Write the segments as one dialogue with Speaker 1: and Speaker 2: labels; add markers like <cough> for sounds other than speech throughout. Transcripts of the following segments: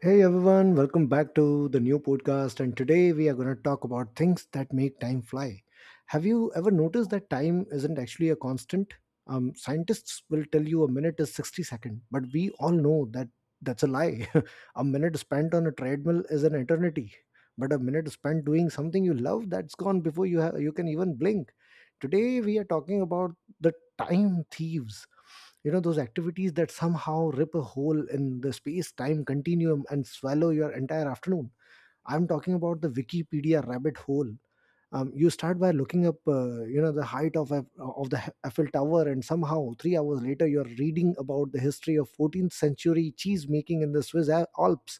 Speaker 1: Hey everyone, welcome back to the new podcast. And today we are going to talk about things that make time fly. Have you ever noticed that time isn't actually a constant? Scientists will tell you a minute is 60 seconds, but we all know that's a lie. <laughs> A minute spent on a treadmill is an eternity, but a minute spent doing something you love, that's gone before you can even blink. Today, we are talking about the time thieves, those activities that somehow rip a hole in the space time continuum and swallow your entire afternoon. I'm talking about the Wikipedia rabbit hole. You start by looking up the height of the Eiffel Tower, and somehow 3 hours later you are reading about the history of 14th century cheese making in the Swiss Alps.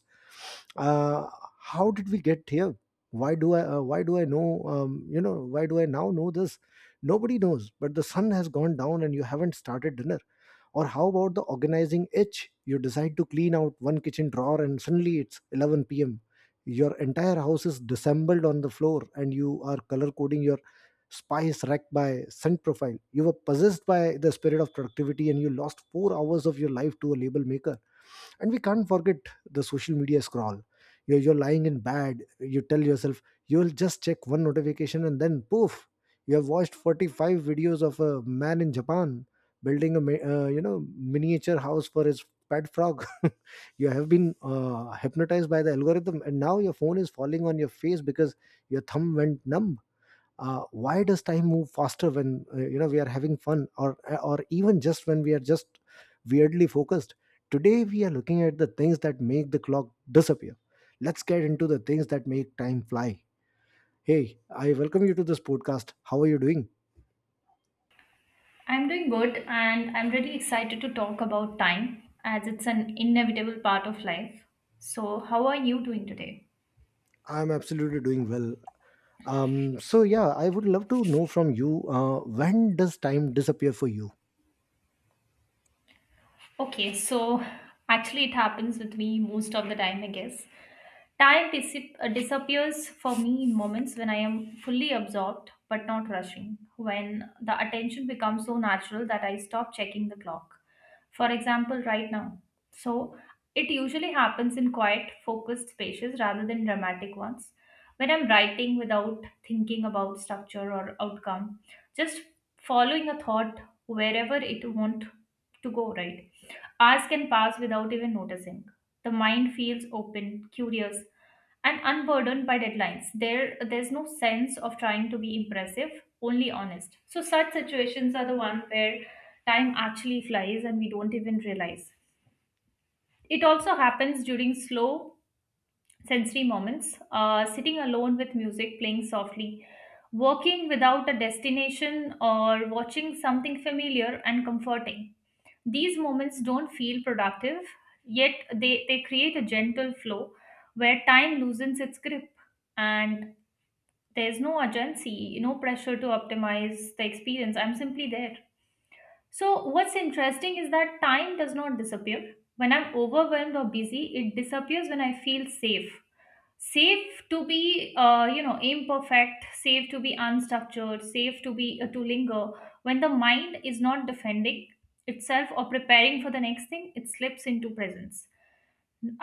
Speaker 1: uh, how did we get here? why do i uh, why do i know why do I now know this? Nobody knows, but the sun has gone down and you haven't started dinner. Or how about the organizing itch? You decide to clean out one kitchen drawer, and suddenly it's 11 p.m. Your entire house is dissembled on the floor and you are color coding your spice rack by scent profile. You were possessed by the spirit of productivity and you lost 4 hours of your life to a label maker. And we can't forget the social media scroll. You're lying in bed, you tell yourself you'll just check one notification, and then poof, you have watched 45 videos of a man in Japan building a miniature house for his pet frog. <laughs> You have been hypnotized by the algorithm, and now your phone is falling on your face because your thumb went numb. Why does time move faster when we are having fun, or even just when we are just weirdly focused? Today we are looking at the things that make the clock disappear. Let's get into the things that make time fly. Hey, I welcome you to this podcast. How are you doing?
Speaker 2: I'm doing good and I'm really excited to talk about time as it's an inevitable part of life. So, how are you doing today?
Speaker 1: I'm absolutely doing well. So yeah, I would love to know from you, when does time disappear for you?
Speaker 2: Okay, so actually, it happens with me most of the time, I guess. Time disappears for me in moments when I am fully absorbed but not rushing, when the attention becomes so natural that I stop checking the clock. For example, right now. So, it usually happens in quiet, focused spaces rather than dramatic ones. When I'm writing without thinking about structure or outcome, just following a thought wherever it want to go, right? Hours can pass without even noticing. The mind feels open, curious, and unburdened by deadlines. There's no sense of trying to be impressive, only honest. So, such situations are the one where time actually flies and we don't even realize. It also happens during slow sensory moments, sitting alone with music playing softly, working without a destination, or watching something familiar and comforting. These moments don't feel productive, yet they create a gentle flow where time loosens its grip and there's no urgency, no pressure to optimize the experience. I'm simply there. So, what's interesting is that time does not disappear. When I'm overwhelmed or busy, it disappears when I feel safe to be imperfect, safe to be unstructured, safe to be to linger, when the mind is not defending itself or preparing for the next thing, it slips into presence.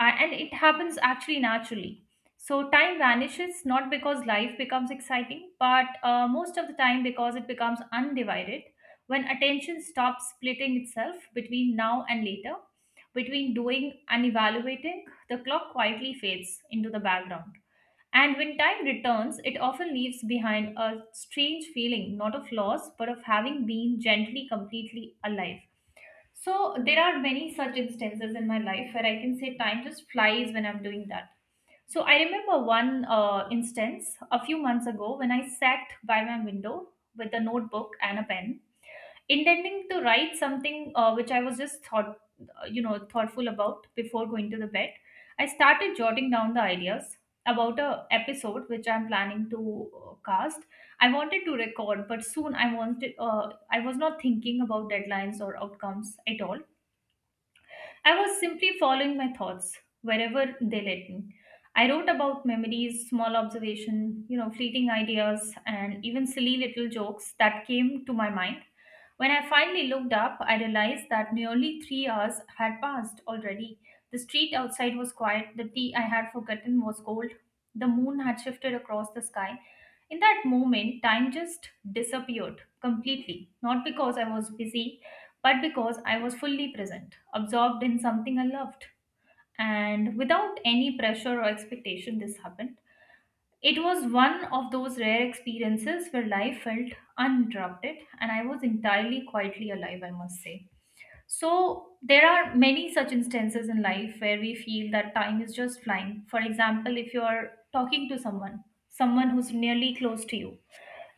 Speaker 2: And it happens actually naturally. So time vanishes not because life becomes exciting, but most of the time because it becomes undivided. When attention stops splitting itself between now and later, between doing and evaluating, the clock quietly fades into the background, and when time returns, it often leaves behind a strange feeling, not of loss, but of having been gently, completely alive. So, there are many such instances in my life where I can say time just flies when I'm doing that. So, I remember one instance a few months ago when I sat by my window with a notebook and a pen, intending to write something which I was just thoughtful about before going to the bed. I started jotting down the ideas about a episode which I'm planning to cast. I wanted to record, but soon I wanted. I was not thinking about deadlines or outcomes at all. I was simply following my thoughts wherever they led me. I wrote about memories, small observation, fleeting ideas, and even silly little jokes that came to my mind. When I finally looked up, I realized that nearly 3 hours had passed already. The street outside was quiet, the tea I had forgotten was cold, the moon had shifted across the sky. In that moment, time just disappeared completely, not because I was busy, but because I was fully present, absorbed in something I loved. And without any pressure or expectation, this happened. It was one of those rare experiences where life felt uninterrupted, and I was entirely quietly alive, I must say. So, there are many such instances in life where we feel that time is just flying. For example, if you're talking to someone, someone who's nearly close to you,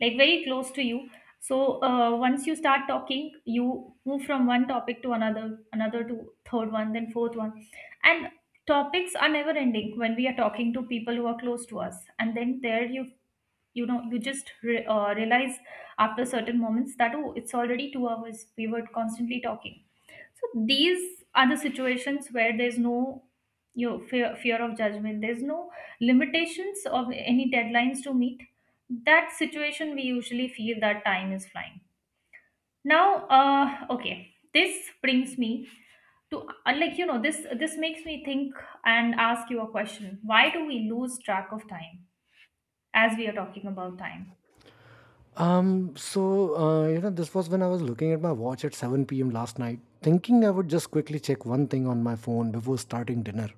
Speaker 2: like very close to you. So, once you start talking, you move from one topic to another, another to third one, then fourth one. And topics are never ending when we are talking to people who are close to us. And then there you you know you just realize after certain moments that oh, it's already 2 hours we were constantly talking. So these are the situations where there's no, fear of judgment, there's no limitations of any deadlines to meet. That situation we usually feel that time is flying. Now okay, this brings me to like, this makes me think and ask you a question, why do we lose track of time, as we are talking about time?
Speaker 1: So, this was when I was looking at my watch at 7 p.m. last night, thinking I would just quickly check one thing on my phone before starting dinner.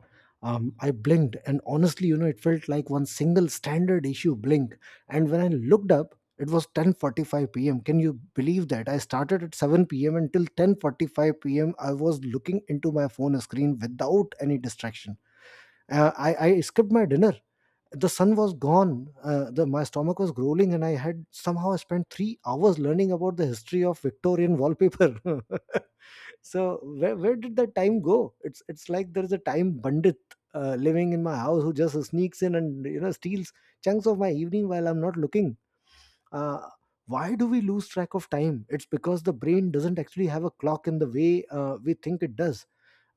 Speaker 1: I blinked, and honestly, it felt like one single standard issue blink. And when I looked up, it was 10:45 p.m. Can you believe that? I started at 7 p.m. until 10:45 p.m. I was looking into my phone screen without any distraction. I skipped my dinner. The sun was gone. Uh, the my stomach was growling, and I had somehow spent 3 hours learning about the history of Victorian wallpaper. <laughs> So where did the time go? It's like there's a time bandit living in my house who just sneaks in and steals chunks of my evening while I'm not looking. uh, why do we lose track of time? It's because the brain doesn't actually have a clock in the way we think it does.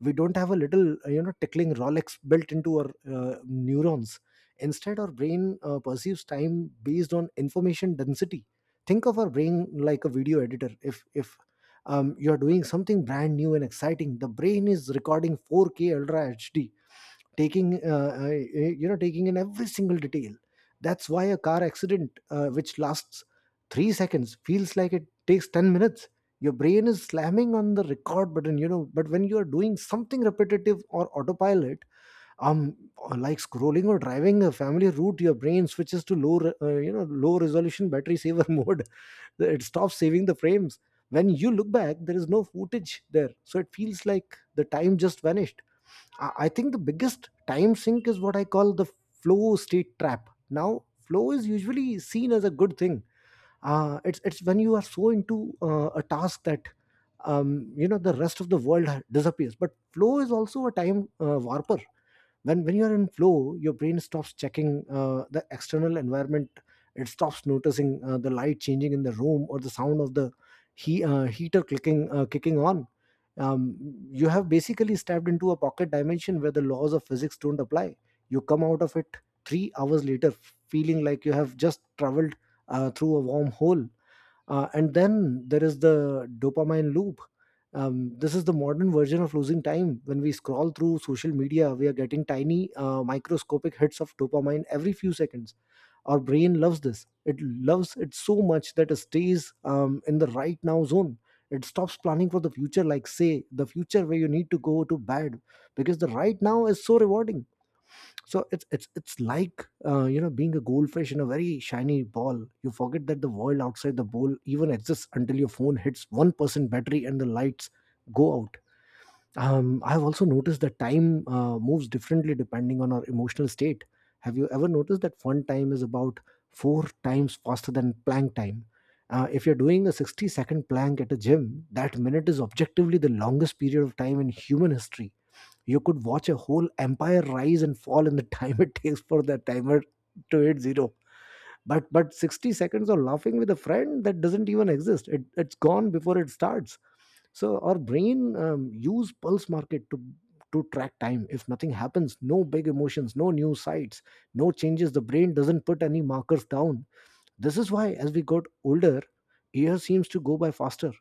Speaker 1: We don't have a little tickling Rolex built into our neurons. Instead, our brain perceives time based on information density. Think of our brain like a video editor. If you're doing something brand new and exciting, the brain is recording 4K ultra hd, taking eh, you know taking in every single detail. That's why a car accident, which lasts 3 seconds, feels like it takes 10 minutes. Your brain is slamming on the record button, but when you are doing something repetitive or autopilot, um like scrolling or driving a family route, your brain switches to low re- you know low resolution battery saver <laughs> mode. It stops saving the frames. When you look back, there is no footage there, so it feels like the time just vanished. I think the biggest time sink is what I call the flow state trap. Now, flow is usually seen as a good thing. It's when you are so into a task that the rest of the world disappears. But flow is also a time warper. When you are in flow, your brain stops checking the external environment. It stops noticing the light changing in the room or the sound of the heater clicking kicking on. um, you have basically stepped into a pocket dimension where the laws of physics don't apply. You come out of it 3 hours later, feeling like you have just traveled through a wormhole. And then there is the dopamine loop. This is the modern version of losing time. When we scroll through social media, we are getting tiny, microscopic hits of dopamine every few seconds. Our brain loves this. It loves it so much that it stays in the right now zone. It stops planning for the future, like say the future where you need to go to bed, because the right now is so rewarding. So it's like being a goldfish in a very shiny ball. You forget that the world outside the bowl even exists until your phone hits 1% battery and the lights go out. I've also noticed that time moves differently depending on our emotional state. Have you ever noticed that fun time is about four times faster than plank time? If you're doing a 60-second plank at a gym, that minute is objectively the longest period of time in human history. You could watch a whole empire rise and fall in the time <laughs> it takes for that timer to hit zero. But 60 seconds of laughing with a friend, that doesn't even exist. It's gone before it starts. So our brain use pulse market to track time. If nothing happens, no big emotions, no new sites, no changes, the brain doesn't put any markers down. This is why, as we got older, year seems to go by faster.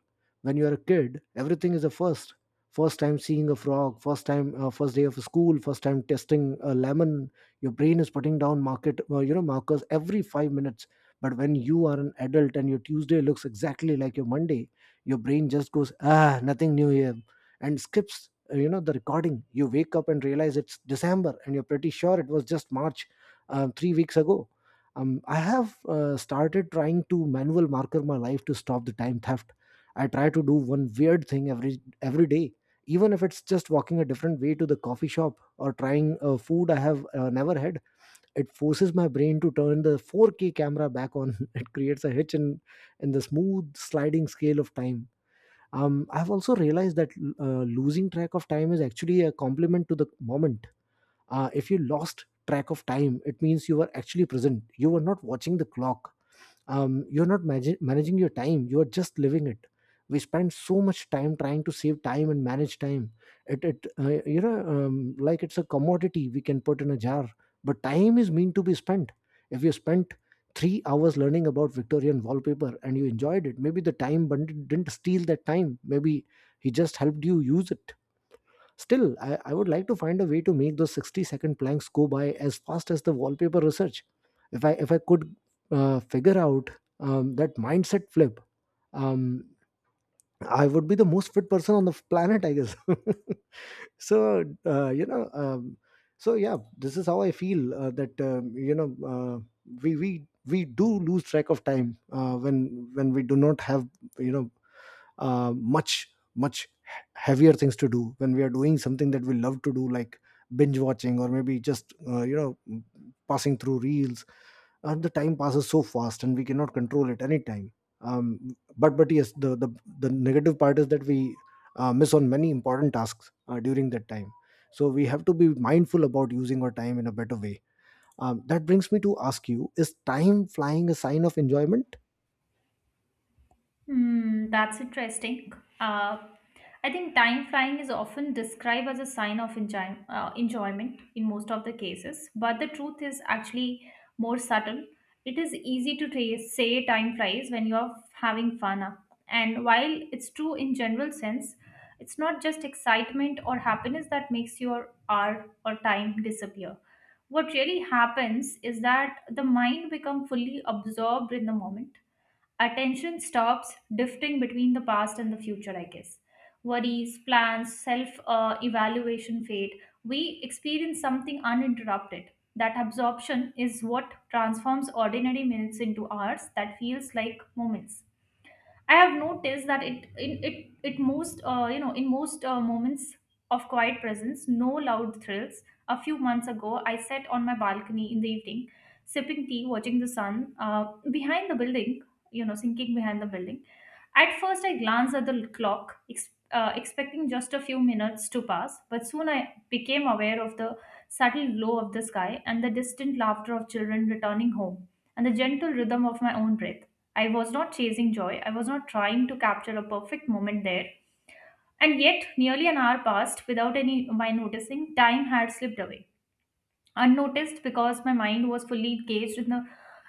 Speaker 1: When you are a kid, everything is a first. First time seeing a frog, first day of school, first time testing a lemon. Your brain is putting down markers every 5 minutes. But when you are an adult and your Tuesday looks exactly like your Monday, your brain just goes, ah, nothing new here, and skips, the recording. You wake up and realize it's December, and you're pretty sure it was just March, 3 weeks ago. I have started trying to manual marker my life to stop the time theft. I try to do one weird thing every day, even if it's just walking a different way to the coffee shop or trying a food I have never had. It forces my brain to turn the 4K camera back on. <laughs> It creates a hitch in the smooth sliding scale of time. I've also realized that losing track of time is actually a compliment to the moment. If you lost track of time, it means you were actually present. You were not watching the clock. You're not managing your time, you are just living it. We spend so much time trying to save time and manage time. It you know Like it's a commodity we can put in a jar. But time is meant to be spent. If you spent 3 hours learning about Victorian wallpaper and you enjoyed it, maybe the time bandit didn't steal that time, maybe he just helped you use it. Still, I would like to find a way to make those 60-second planks go by as fast as the wallpaper research. If I could figure out that mindset flip. um, I would be the most fit person on the planet, I guess. <laughs> so uh, you know, um, so yeah, this is how I feel that we do lose track of time when we do not have you know much heavier things to do when we are doing something that we love to do, like binge watching or maybe just, passing through reels. And the time passes so fast and we cannot control it anytime. But yes, the negative part is that we miss on many important tasks during that time. So we have to be mindful about using our time in a better way. That brings me to ask you, is time flying a sign of enjoyment?
Speaker 2: Hmm, that's interesting. Uh, I think time flying is often described as a sign of enjoyment in most of the cases, but the truth is actually more subtle. It is easy to say time flies when you're having fun. And while it's true in general sense, it's not just excitement or happiness that makes your hour or time disappear. What really happens is that the mind becomes fully absorbed in the moment, attention stops drifting between the past and the future, I guess. Worries, plans, self evaluation fade. We experience something uninterrupted. That absorption is what transforms ordinary minutes into hours that feels like moments. I have noticed that it in it it most you know in most moments of quiet presence, no loud thrills. A few months ago, I sat on my balcony in the evening, sipping tea, watching the sun behind the building, sinking behind the building. At first, I glanced at the clock, expecting just a few minutes to pass, but soon I became aware of the subtle glow of the sky and the distant laughter of children returning home and the gentle rhythm of my own breath. I was not chasing joy. I was not trying to capture a perfect moment there. And yet, nearly an hour passed without any my noticing. Time had slipped away, unnoticed because my mind was fully engaged in the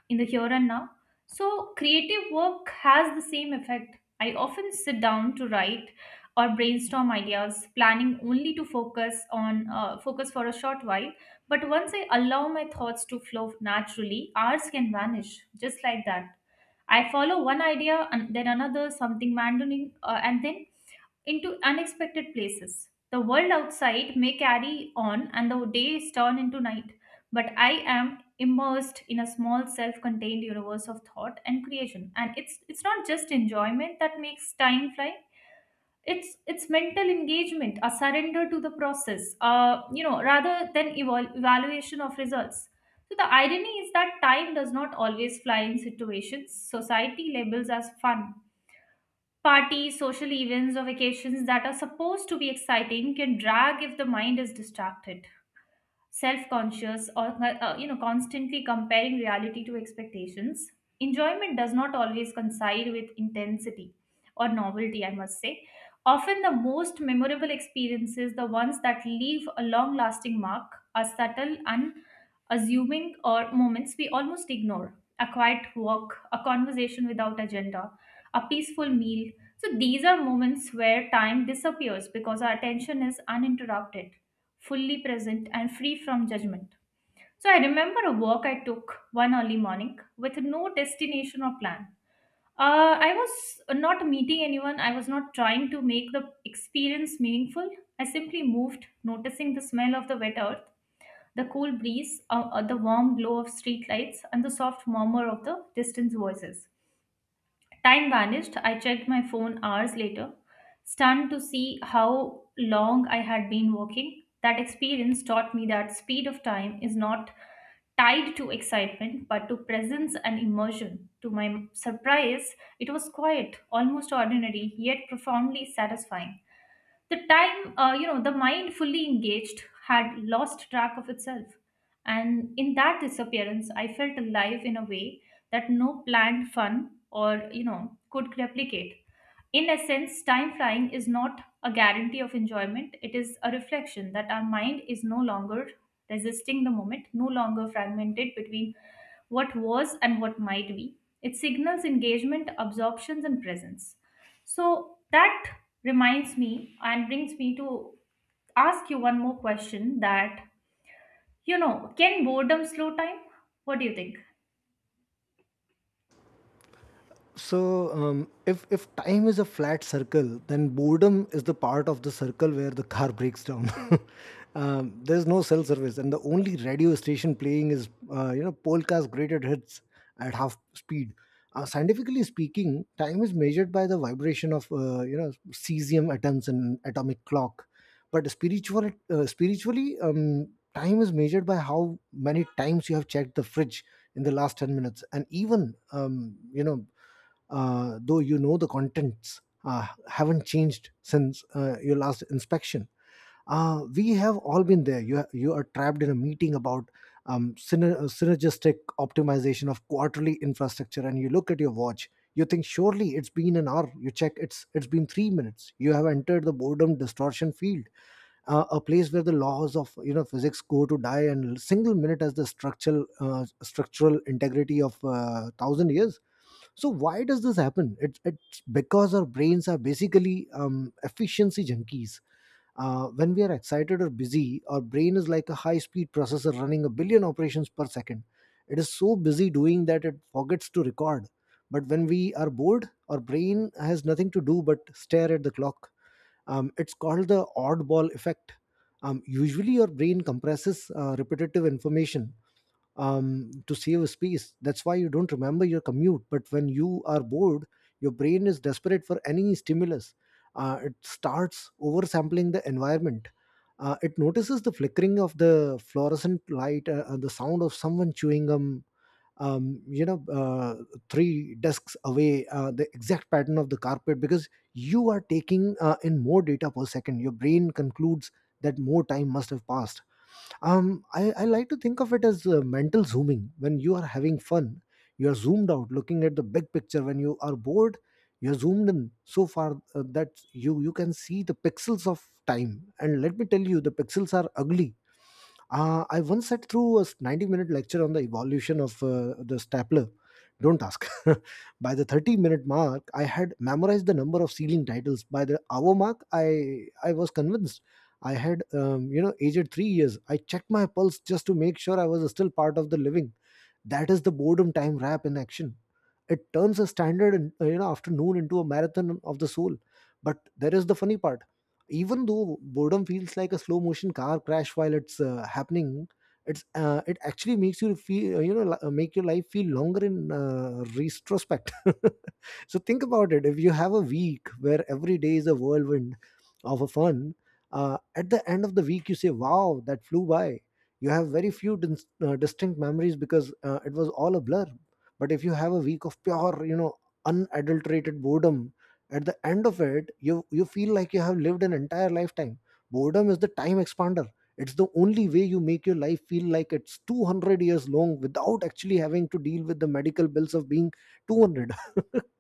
Speaker 2: in the here and now. So, creative work has the same effect. I often sit down to write or brainstorm ideas, planning only to focus for a short while. But once I allow my thoughts to flow naturally, hours can vanish just like that. I follow one idea and then another, something random, and then into unexpected places. The world outside may carry on and the days turn into night, but I am immersed in a small self-contained universe of thought and creation. And it's not just enjoyment that makes time fly, it's mental engagement, a surrender to the process, rather than evaluation of results. So the irony is that time does not always fly in situations society labels as fun. Parties, social events, or vacations that are supposed to be exciting can drag if the mind is distracted, self-conscious, or constantly comparing reality to expectations. Enjoyment does not always coincide with intensity or novelty, I must say. Often the most memorable experiences, the ones that leave a long lasting mark, are subtle, unassuming, or moments we almost ignore. A quiet walk, a conversation without agenda, a peaceful meal. So these are moments where time disappears because our attention is uninterrupted, fully present, and free from judgment. So I remember a walk I took one early morning with no destination or plan. I was not meeting anyone, I was not trying to make the experience meaningful. I simply moved, noticing the smell of the wet earth, the cool breeze, the warm glow of streetlights, and the soft murmur of the distant voices. Time vanished. I checked my phone hours later, stunned to see how long I had been walking. That experience taught me that speed of time is not tied to excitement but to presence and immersion. To my surprise, it was quiet, almost ordinary, yet profoundly satisfying. The time, you know, the mind fully engaged had lost track of itself. And in that disappearance, I felt alive in a way that no planned fun or could replicate. In essence, time flying is not a guarantee of enjoyment, it is a reflection that our mind is no longer resisting the moment, no longer fragmented between what was and what might be. It signals engagement, absorptions, and presence. So that reminds me and brings me to ask you one more question that can boredom slow time? What do you think?
Speaker 1: So, if time is a flat circle, then boredom is the part of the circle where the car breaks down. <laughs> There's no cell service, and the only radio station playing is, Polka's greatest hits at half speed. Scientifically speaking, time is measured by the vibration of, cesium atoms in atomic clock, but spiritually, time is measured by how many times you have checked the fridge in the last 10 minutes, and even, you know though you know the contents haven't changed since your last inspection. We have all been there. You are trapped in a meeting about synergistic optimization of quarterly infrastructure, and you look at your watch. You think, surely it's been an hour. You check, it's been 3 minutes. You have entered the boredom distortion field, a place where the laws of, physics go to die, and single minute as the structural integrity of 1,000 years. So why does this happen? It's because our brains are basically, efficiency junkies. When we are excited or busy, our brain is like a high-speed processor running 1 billion operations per second. It is so busy doing that it forgets to record. But when we are bored, our brain has nothing to do but stare at the clock. It's called the oddball effect. Usually, your brain compresses repetitive information to save space. That's why you don't remember your commute. But when you are bored, your brain is desperate for any stimulus. It starts oversampling the environment. It notices the flickering of the fluorescent light, the sound of someone chewing gum, Um, you know, uh, three desks away, the exact pattern of the carpet, because you are taking in more data per second. Your brain concludes that more time must have passed. I like to think of it as mental zooming. When you are having fun, you are zoomed out looking at the big picture. When you are bored, you're zoomed in so far that you can see the pixels of time, and let me tell you, the pixels are ugly. I once sat through a 90-minute lecture on the evolution of the stapler. Don't ask. <laughs> By the 30-minute mark, I had memorized the number of ceiling titles. By the hour mark, I was convinced. I had, aged 3 years. I checked my pulse just to make sure I was still part of the living. That is the boredom time wrap in action. It turns a standard and, afternoon into a marathon of the soul. But there is the funny part. Even though boredom feels like a slow motion car crash while it's happening, it actually makes you feel, make your life feel longer in retrospect. <laughs> So think about it. If you have a week where every day is a whirlwind of a fun, at the end of the week you say, wow, that flew by. You have very few distinct memories because it was all a blur. But if you have a week of pure, unadulterated boredom, at the end of it you feel like you have lived an entire lifetime. Boredom is the time expander. It's the only way you make your life feel like it's 200 years long without actually having to deal with the medical bills of being 200. <laughs>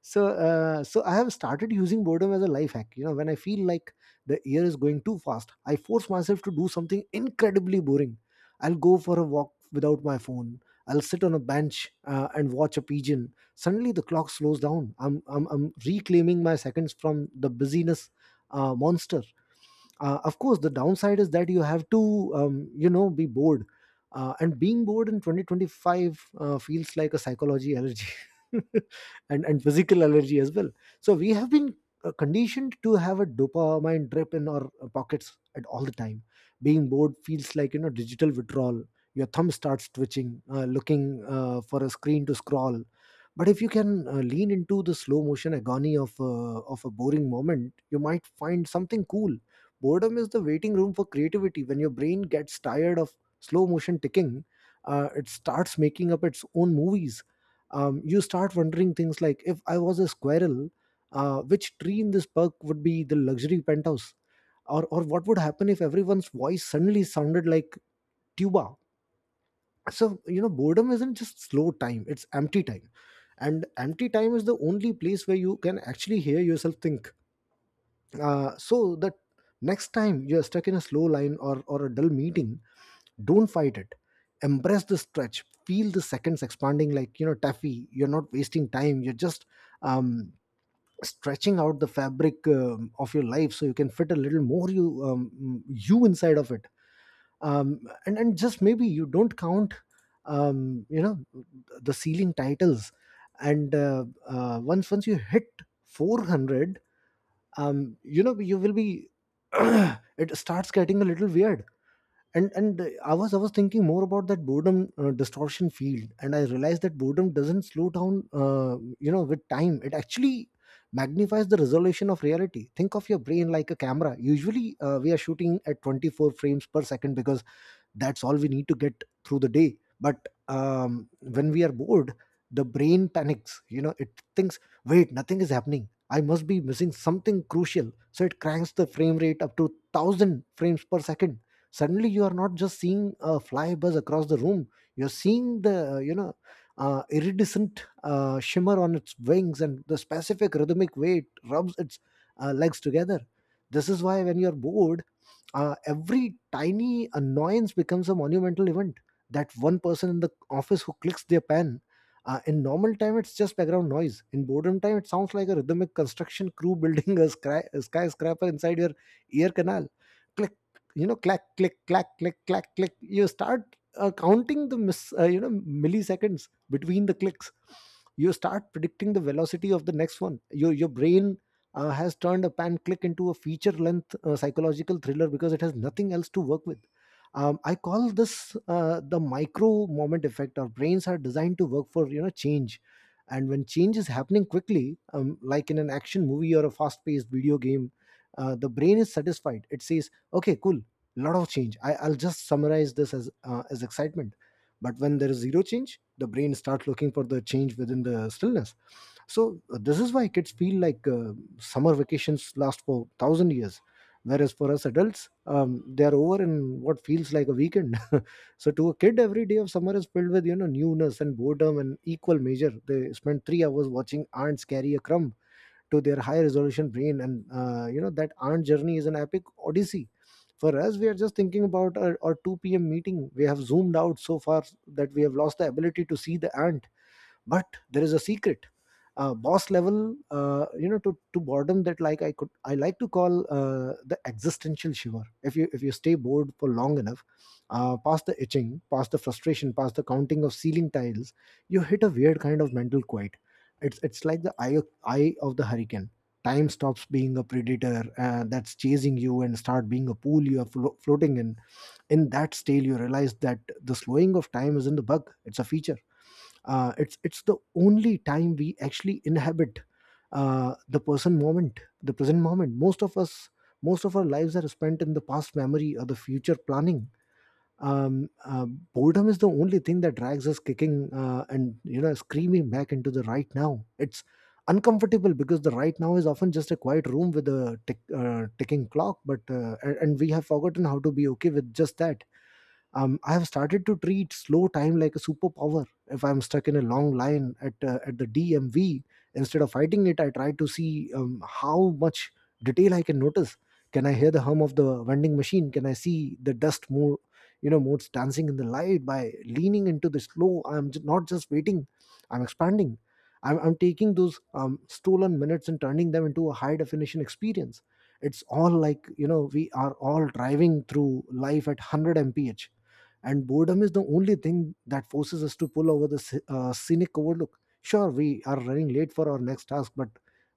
Speaker 1: So I have started using boredom as a life hack. You know, when I feel like the year is going too fast, I force myself to do something incredibly boring. I'll go for a walk without my phone. I'll sit on a bench and watch a pigeon. Suddenly the clock slows down. I'm reclaiming my seconds from the busyness monster. Of course the downside is that you have to, be bored. And being bored in 2025 feels like a psychology allergy, <laughs> and physical allergy as well. So we have been conditioned to have a dopamine drip in our pockets at all the time. Being bored feels like, digital withdrawal. Your thumb starts twitching, looking for a screen to scroll. But if you can lean into the slow motion agony of of a boring moment, you might find something cool. Boredom is the waiting room for creativity. When your brain gets tired of slow motion ticking, it starts making up its own movies. You start wondering things like, if I was a squirrel, which tree in this park would be the luxury penthouse? Or what would happen if everyone's voice suddenly sounded like tuba? So, boredom isn't just slow time, it's empty time. And empty time is the only place where you can actually hear yourself think. So that next time you're stuck in a slow line or a dull meeting, don't fight it. Embrace the stretch. Feel the seconds expanding like, taffy. You're not wasting time, you're just um, stretching out the fabric of your life so you can fit a little more you, you inside of it. Um, and and just maybe you don't count, um, you know the ceiling titles. And once you hit 400, you know, you will be <clears throat> it starts getting a little weird. And I was thinking more about that boredom distortion field, and I realized that boredom doesn't slow down with time. It actually magnifies the resolution of reality. Think of your brain like a camera. Usually we are shooting at 24 frames per second because that's all we need to get through the day. But when we are bored, the brain panics. You know, it thinks, wait, nothing is happening, I must be missing something crucial. So it cranks the frame rate up to 1,000 frames per second. Suddenly you are not just seeing a fly buzz across the room. You're seeing the, iridescent shimmer on its wings, and the specific rhythmic way it rubs its legs together. This is why when you're bored, every tiny annoyance becomes a monumental event. That one person in the office who clicks their pen, in normal time it's just background noise. In boredom time, it sounds like a rhythmic construction crew building a, a skyscraper inside your ear canal. Click, clack, click, clack, click, clack, click. You start counting the milliseconds between the clicks. You start predicting the velocity of the next one. Your brain has turned a pan click into a feature length psychological thriller because it has nothing else to work with. I call this the micro moment effect. Our brains are designed to work for, change, and when change is happening quickly, like in an action movie or a fast-paced video game, the brain is satisfied. It says, "Okay, cool, lot of change. I'll just summarize this as as excitement." But when there is zero change, the brain starts looking for the change within the stillness. This is why kids feel like summer vacations last for 1,000 years, whereas for us adults, they are over in what feels like a weekend. <laughs> So to a kid, every day of summer is filled with, newness and boredom and equal measure. They spend 3 hours watching ants carry a crumb to their high resolution brain, and, that ant journey is an epic odyssey. For us, we are just thinking about our 2 p.m. meeting. We have zoomed out so far that we have lost the ability to see the ant, but there is a secret boss level to boredom that, like, I like to call the existential shiver. If you stay bored for long enough, past the itching, past the frustration, past the counting of ceiling tiles, you hit a weird kind of mental quiet. It's like the eye of the hurricane. Time stops being a predator that's chasing you and start being a pool you are floating in. In that stale, you realize that the slowing of time isn't the bug, it's a feature. It's the only time we actually inhabit, the present moment. The present moment, most of us, most of our lives are spent in the past, memory, or the future, planning. um, uh, Boredom is the only thing that drags us kicking and screaming back into the right now. It's uncomfortable because the right now is often just a quiet room with a ticking clock, but and we have forgotten how to be okay with just that. I have started to treat slow time like a superpower. If I'm stuck in a long line at at the DMV, instead of fighting it, I try to see how much detail I can notice. Can I hear the hum of the vending machine? Can I see the dust more, you know, modes dancing in the light? By leaning into the slow, not just waiting. I'm expanding. I'm taking those stolen minutes and turning them into a high definition experience. It's all, like, you know, we are all driving through life at 100 mph, and boredom is the only thing that forces us to pull over the scenic overlook. Sure, we are running late for our next task, but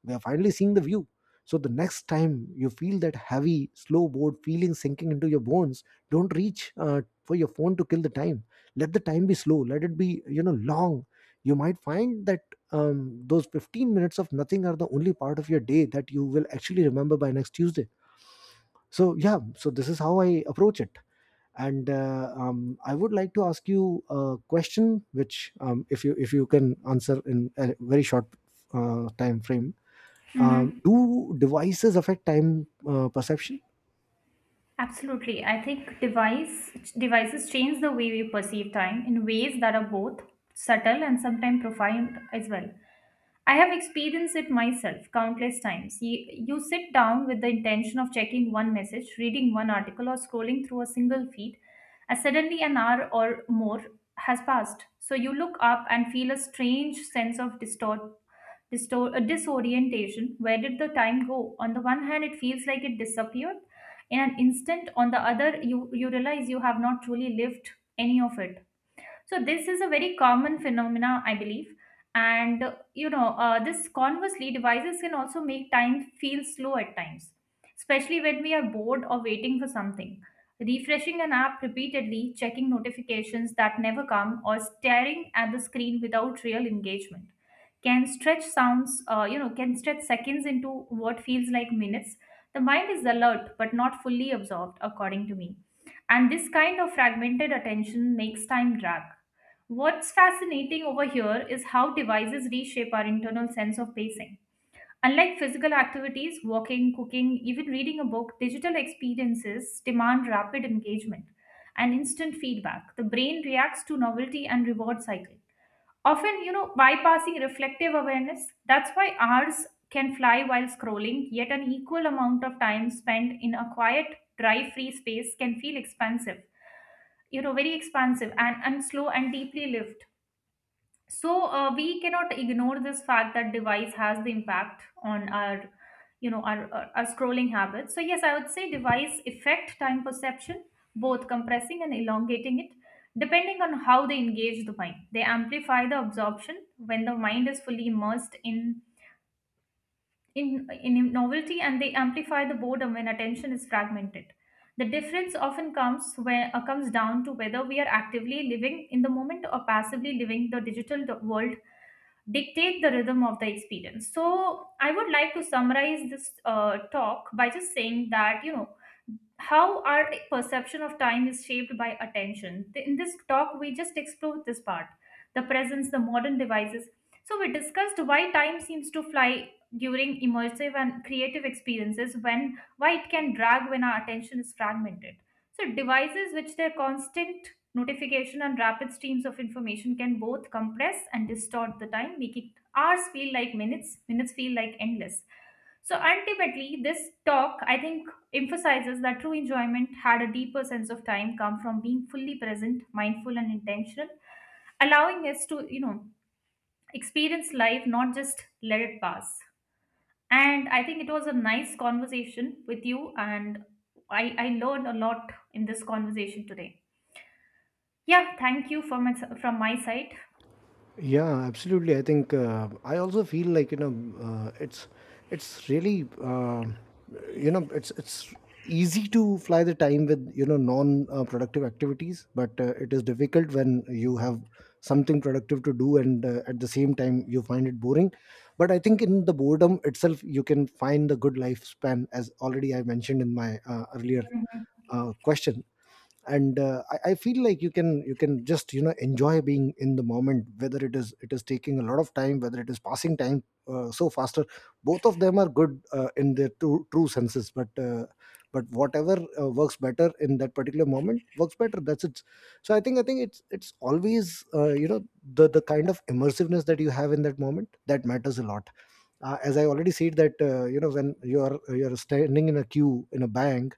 Speaker 1: we are finally seeing the view. So the next time you feel that heavy, slow, bored feeling sinking into your bones, don't reach for your phone to kill the time. Let the time be slow, let it be, you know, long. You might find that those 15 minutes of nothing are the only part of your day that you will actually remember by next Tuesday. So yeah, so this is how I approach it. And I would like to ask you a question which, if you can answer in a very short time frame.
Speaker 2: Mm-hmm.
Speaker 1: Do devices affect time perception?
Speaker 2: Absolutely. I think devices change the way we perceive time in ways that are both subtle and sometimes profound as well. I have experienced it myself countless times. You sit down with the intention of checking one message, reading one article, or scrolling through a single feed, and suddenly an hour or more has passed. So you look up and feel a strange sense of disorientation. Where did the time go? On the one hand, it feels like it disappeared in an instant. On the other, you realize you have not truly lived any of it. So this is a very common phenomena, I believe. And you know, this conversely, devices can also make time feel slow at times, especially when we are bored or waiting for something. Refreshing an app repeatedly, checking notifications that never come, or staring at the screen without real engagement can stretch sounds, you know, can stretch seconds into what feels like minutes. The mind is alert but not fully absorbed, according to me. And this kind of fragmented attention makes time drag. What's fascinating over here is how devices reshape our internal sense of pacing. Unlike physical activities, walking, cooking, even reading a book, digital experiences demand rapid engagement and instant feedback. The brain reacts to novelty and reward cycle. Often, bypassing reflective awareness. That's why hours can fly while scrolling, yet an equal amount of time spent in a quiet, drive free space can feel expansive, very expansive, and, slow and deeply lived. So we cannot ignore this fact that device has the impact on our you know our scrolling habits. So yes, I would say device affect time perception, both compressing and elongating it, depending on how they engage the mind. They amplify the absorption when the mind is fully immersed in novelty, and they amplify the boredom when attention is fragmented. The difference often comes down to whether we are actively living in the moment or passively living the digital world dictate the rhythm of the experience. So I would like to summarize this talk by just saying that, you know, how our perception of time is shaped by attention. In this talk, we just explored this part, the presence, the modern devices. So we discussed why time seems to fly during immersive and creative experiences, when why it can drag when our attention is fragmented, so devices, which their constant notification and rapid streams of information, can both compress and distort the time, making hours feel like minutes, minutes feel like endless. So ultimately, this talk, I think, emphasizes that true enjoyment had a deeper sense of time come from being fully present, mindful, and intentional, allowing us to experience life, not just let it pass. And I think it was a nice conversation with you, and I learned a lot in this conversation today. Yeah, thank you from my side.
Speaker 1: Yeah, absolutely. I think I also feel like, you know, uh, it's it's really, you know, it's easy to fly the time with, you know, non productive activities, but it is difficult when you have something productive to do and at the same time you find it boring. But I think in the boredom itself, you can find the good lifespan, as already I mentioned in my earlier
Speaker 2: Hmm.
Speaker 1: question. And I feel like you can, just, you know, enjoy being in the moment, whether it is taking a lot of time, whether it is passing time so faster. Both of them are good in their true, true senses, but whatever works better in that particular moment works better, that's it. So I think it's always, you know, the kind of immersiveness that you have in that moment that matters a lot. As I already said that, you know, when you're standing in a queue in a bank,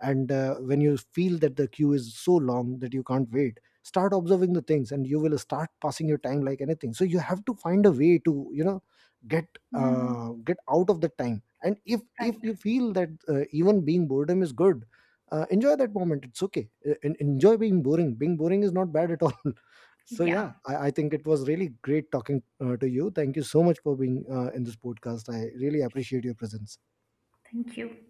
Speaker 1: and when you feel that the queue is so long that you can't wait, start observing the things and you will start passing your time like anything. So you have to find a way to, you know, get
Speaker 2: Hmm.
Speaker 1: get out of the time. And if you
Speaker 2: Right.
Speaker 1: feel that, even being boredom is good, enjoy that moment. It's okay. Enjoy being boring. Being boring is not bad at all. <laughs> So yeah,
Speaker 2: Yeah,
Speaker 1: I think it was really great talking to you. Thank you so much for being in this podcast. I really appreciate your presence.
Speaker 2: thank you.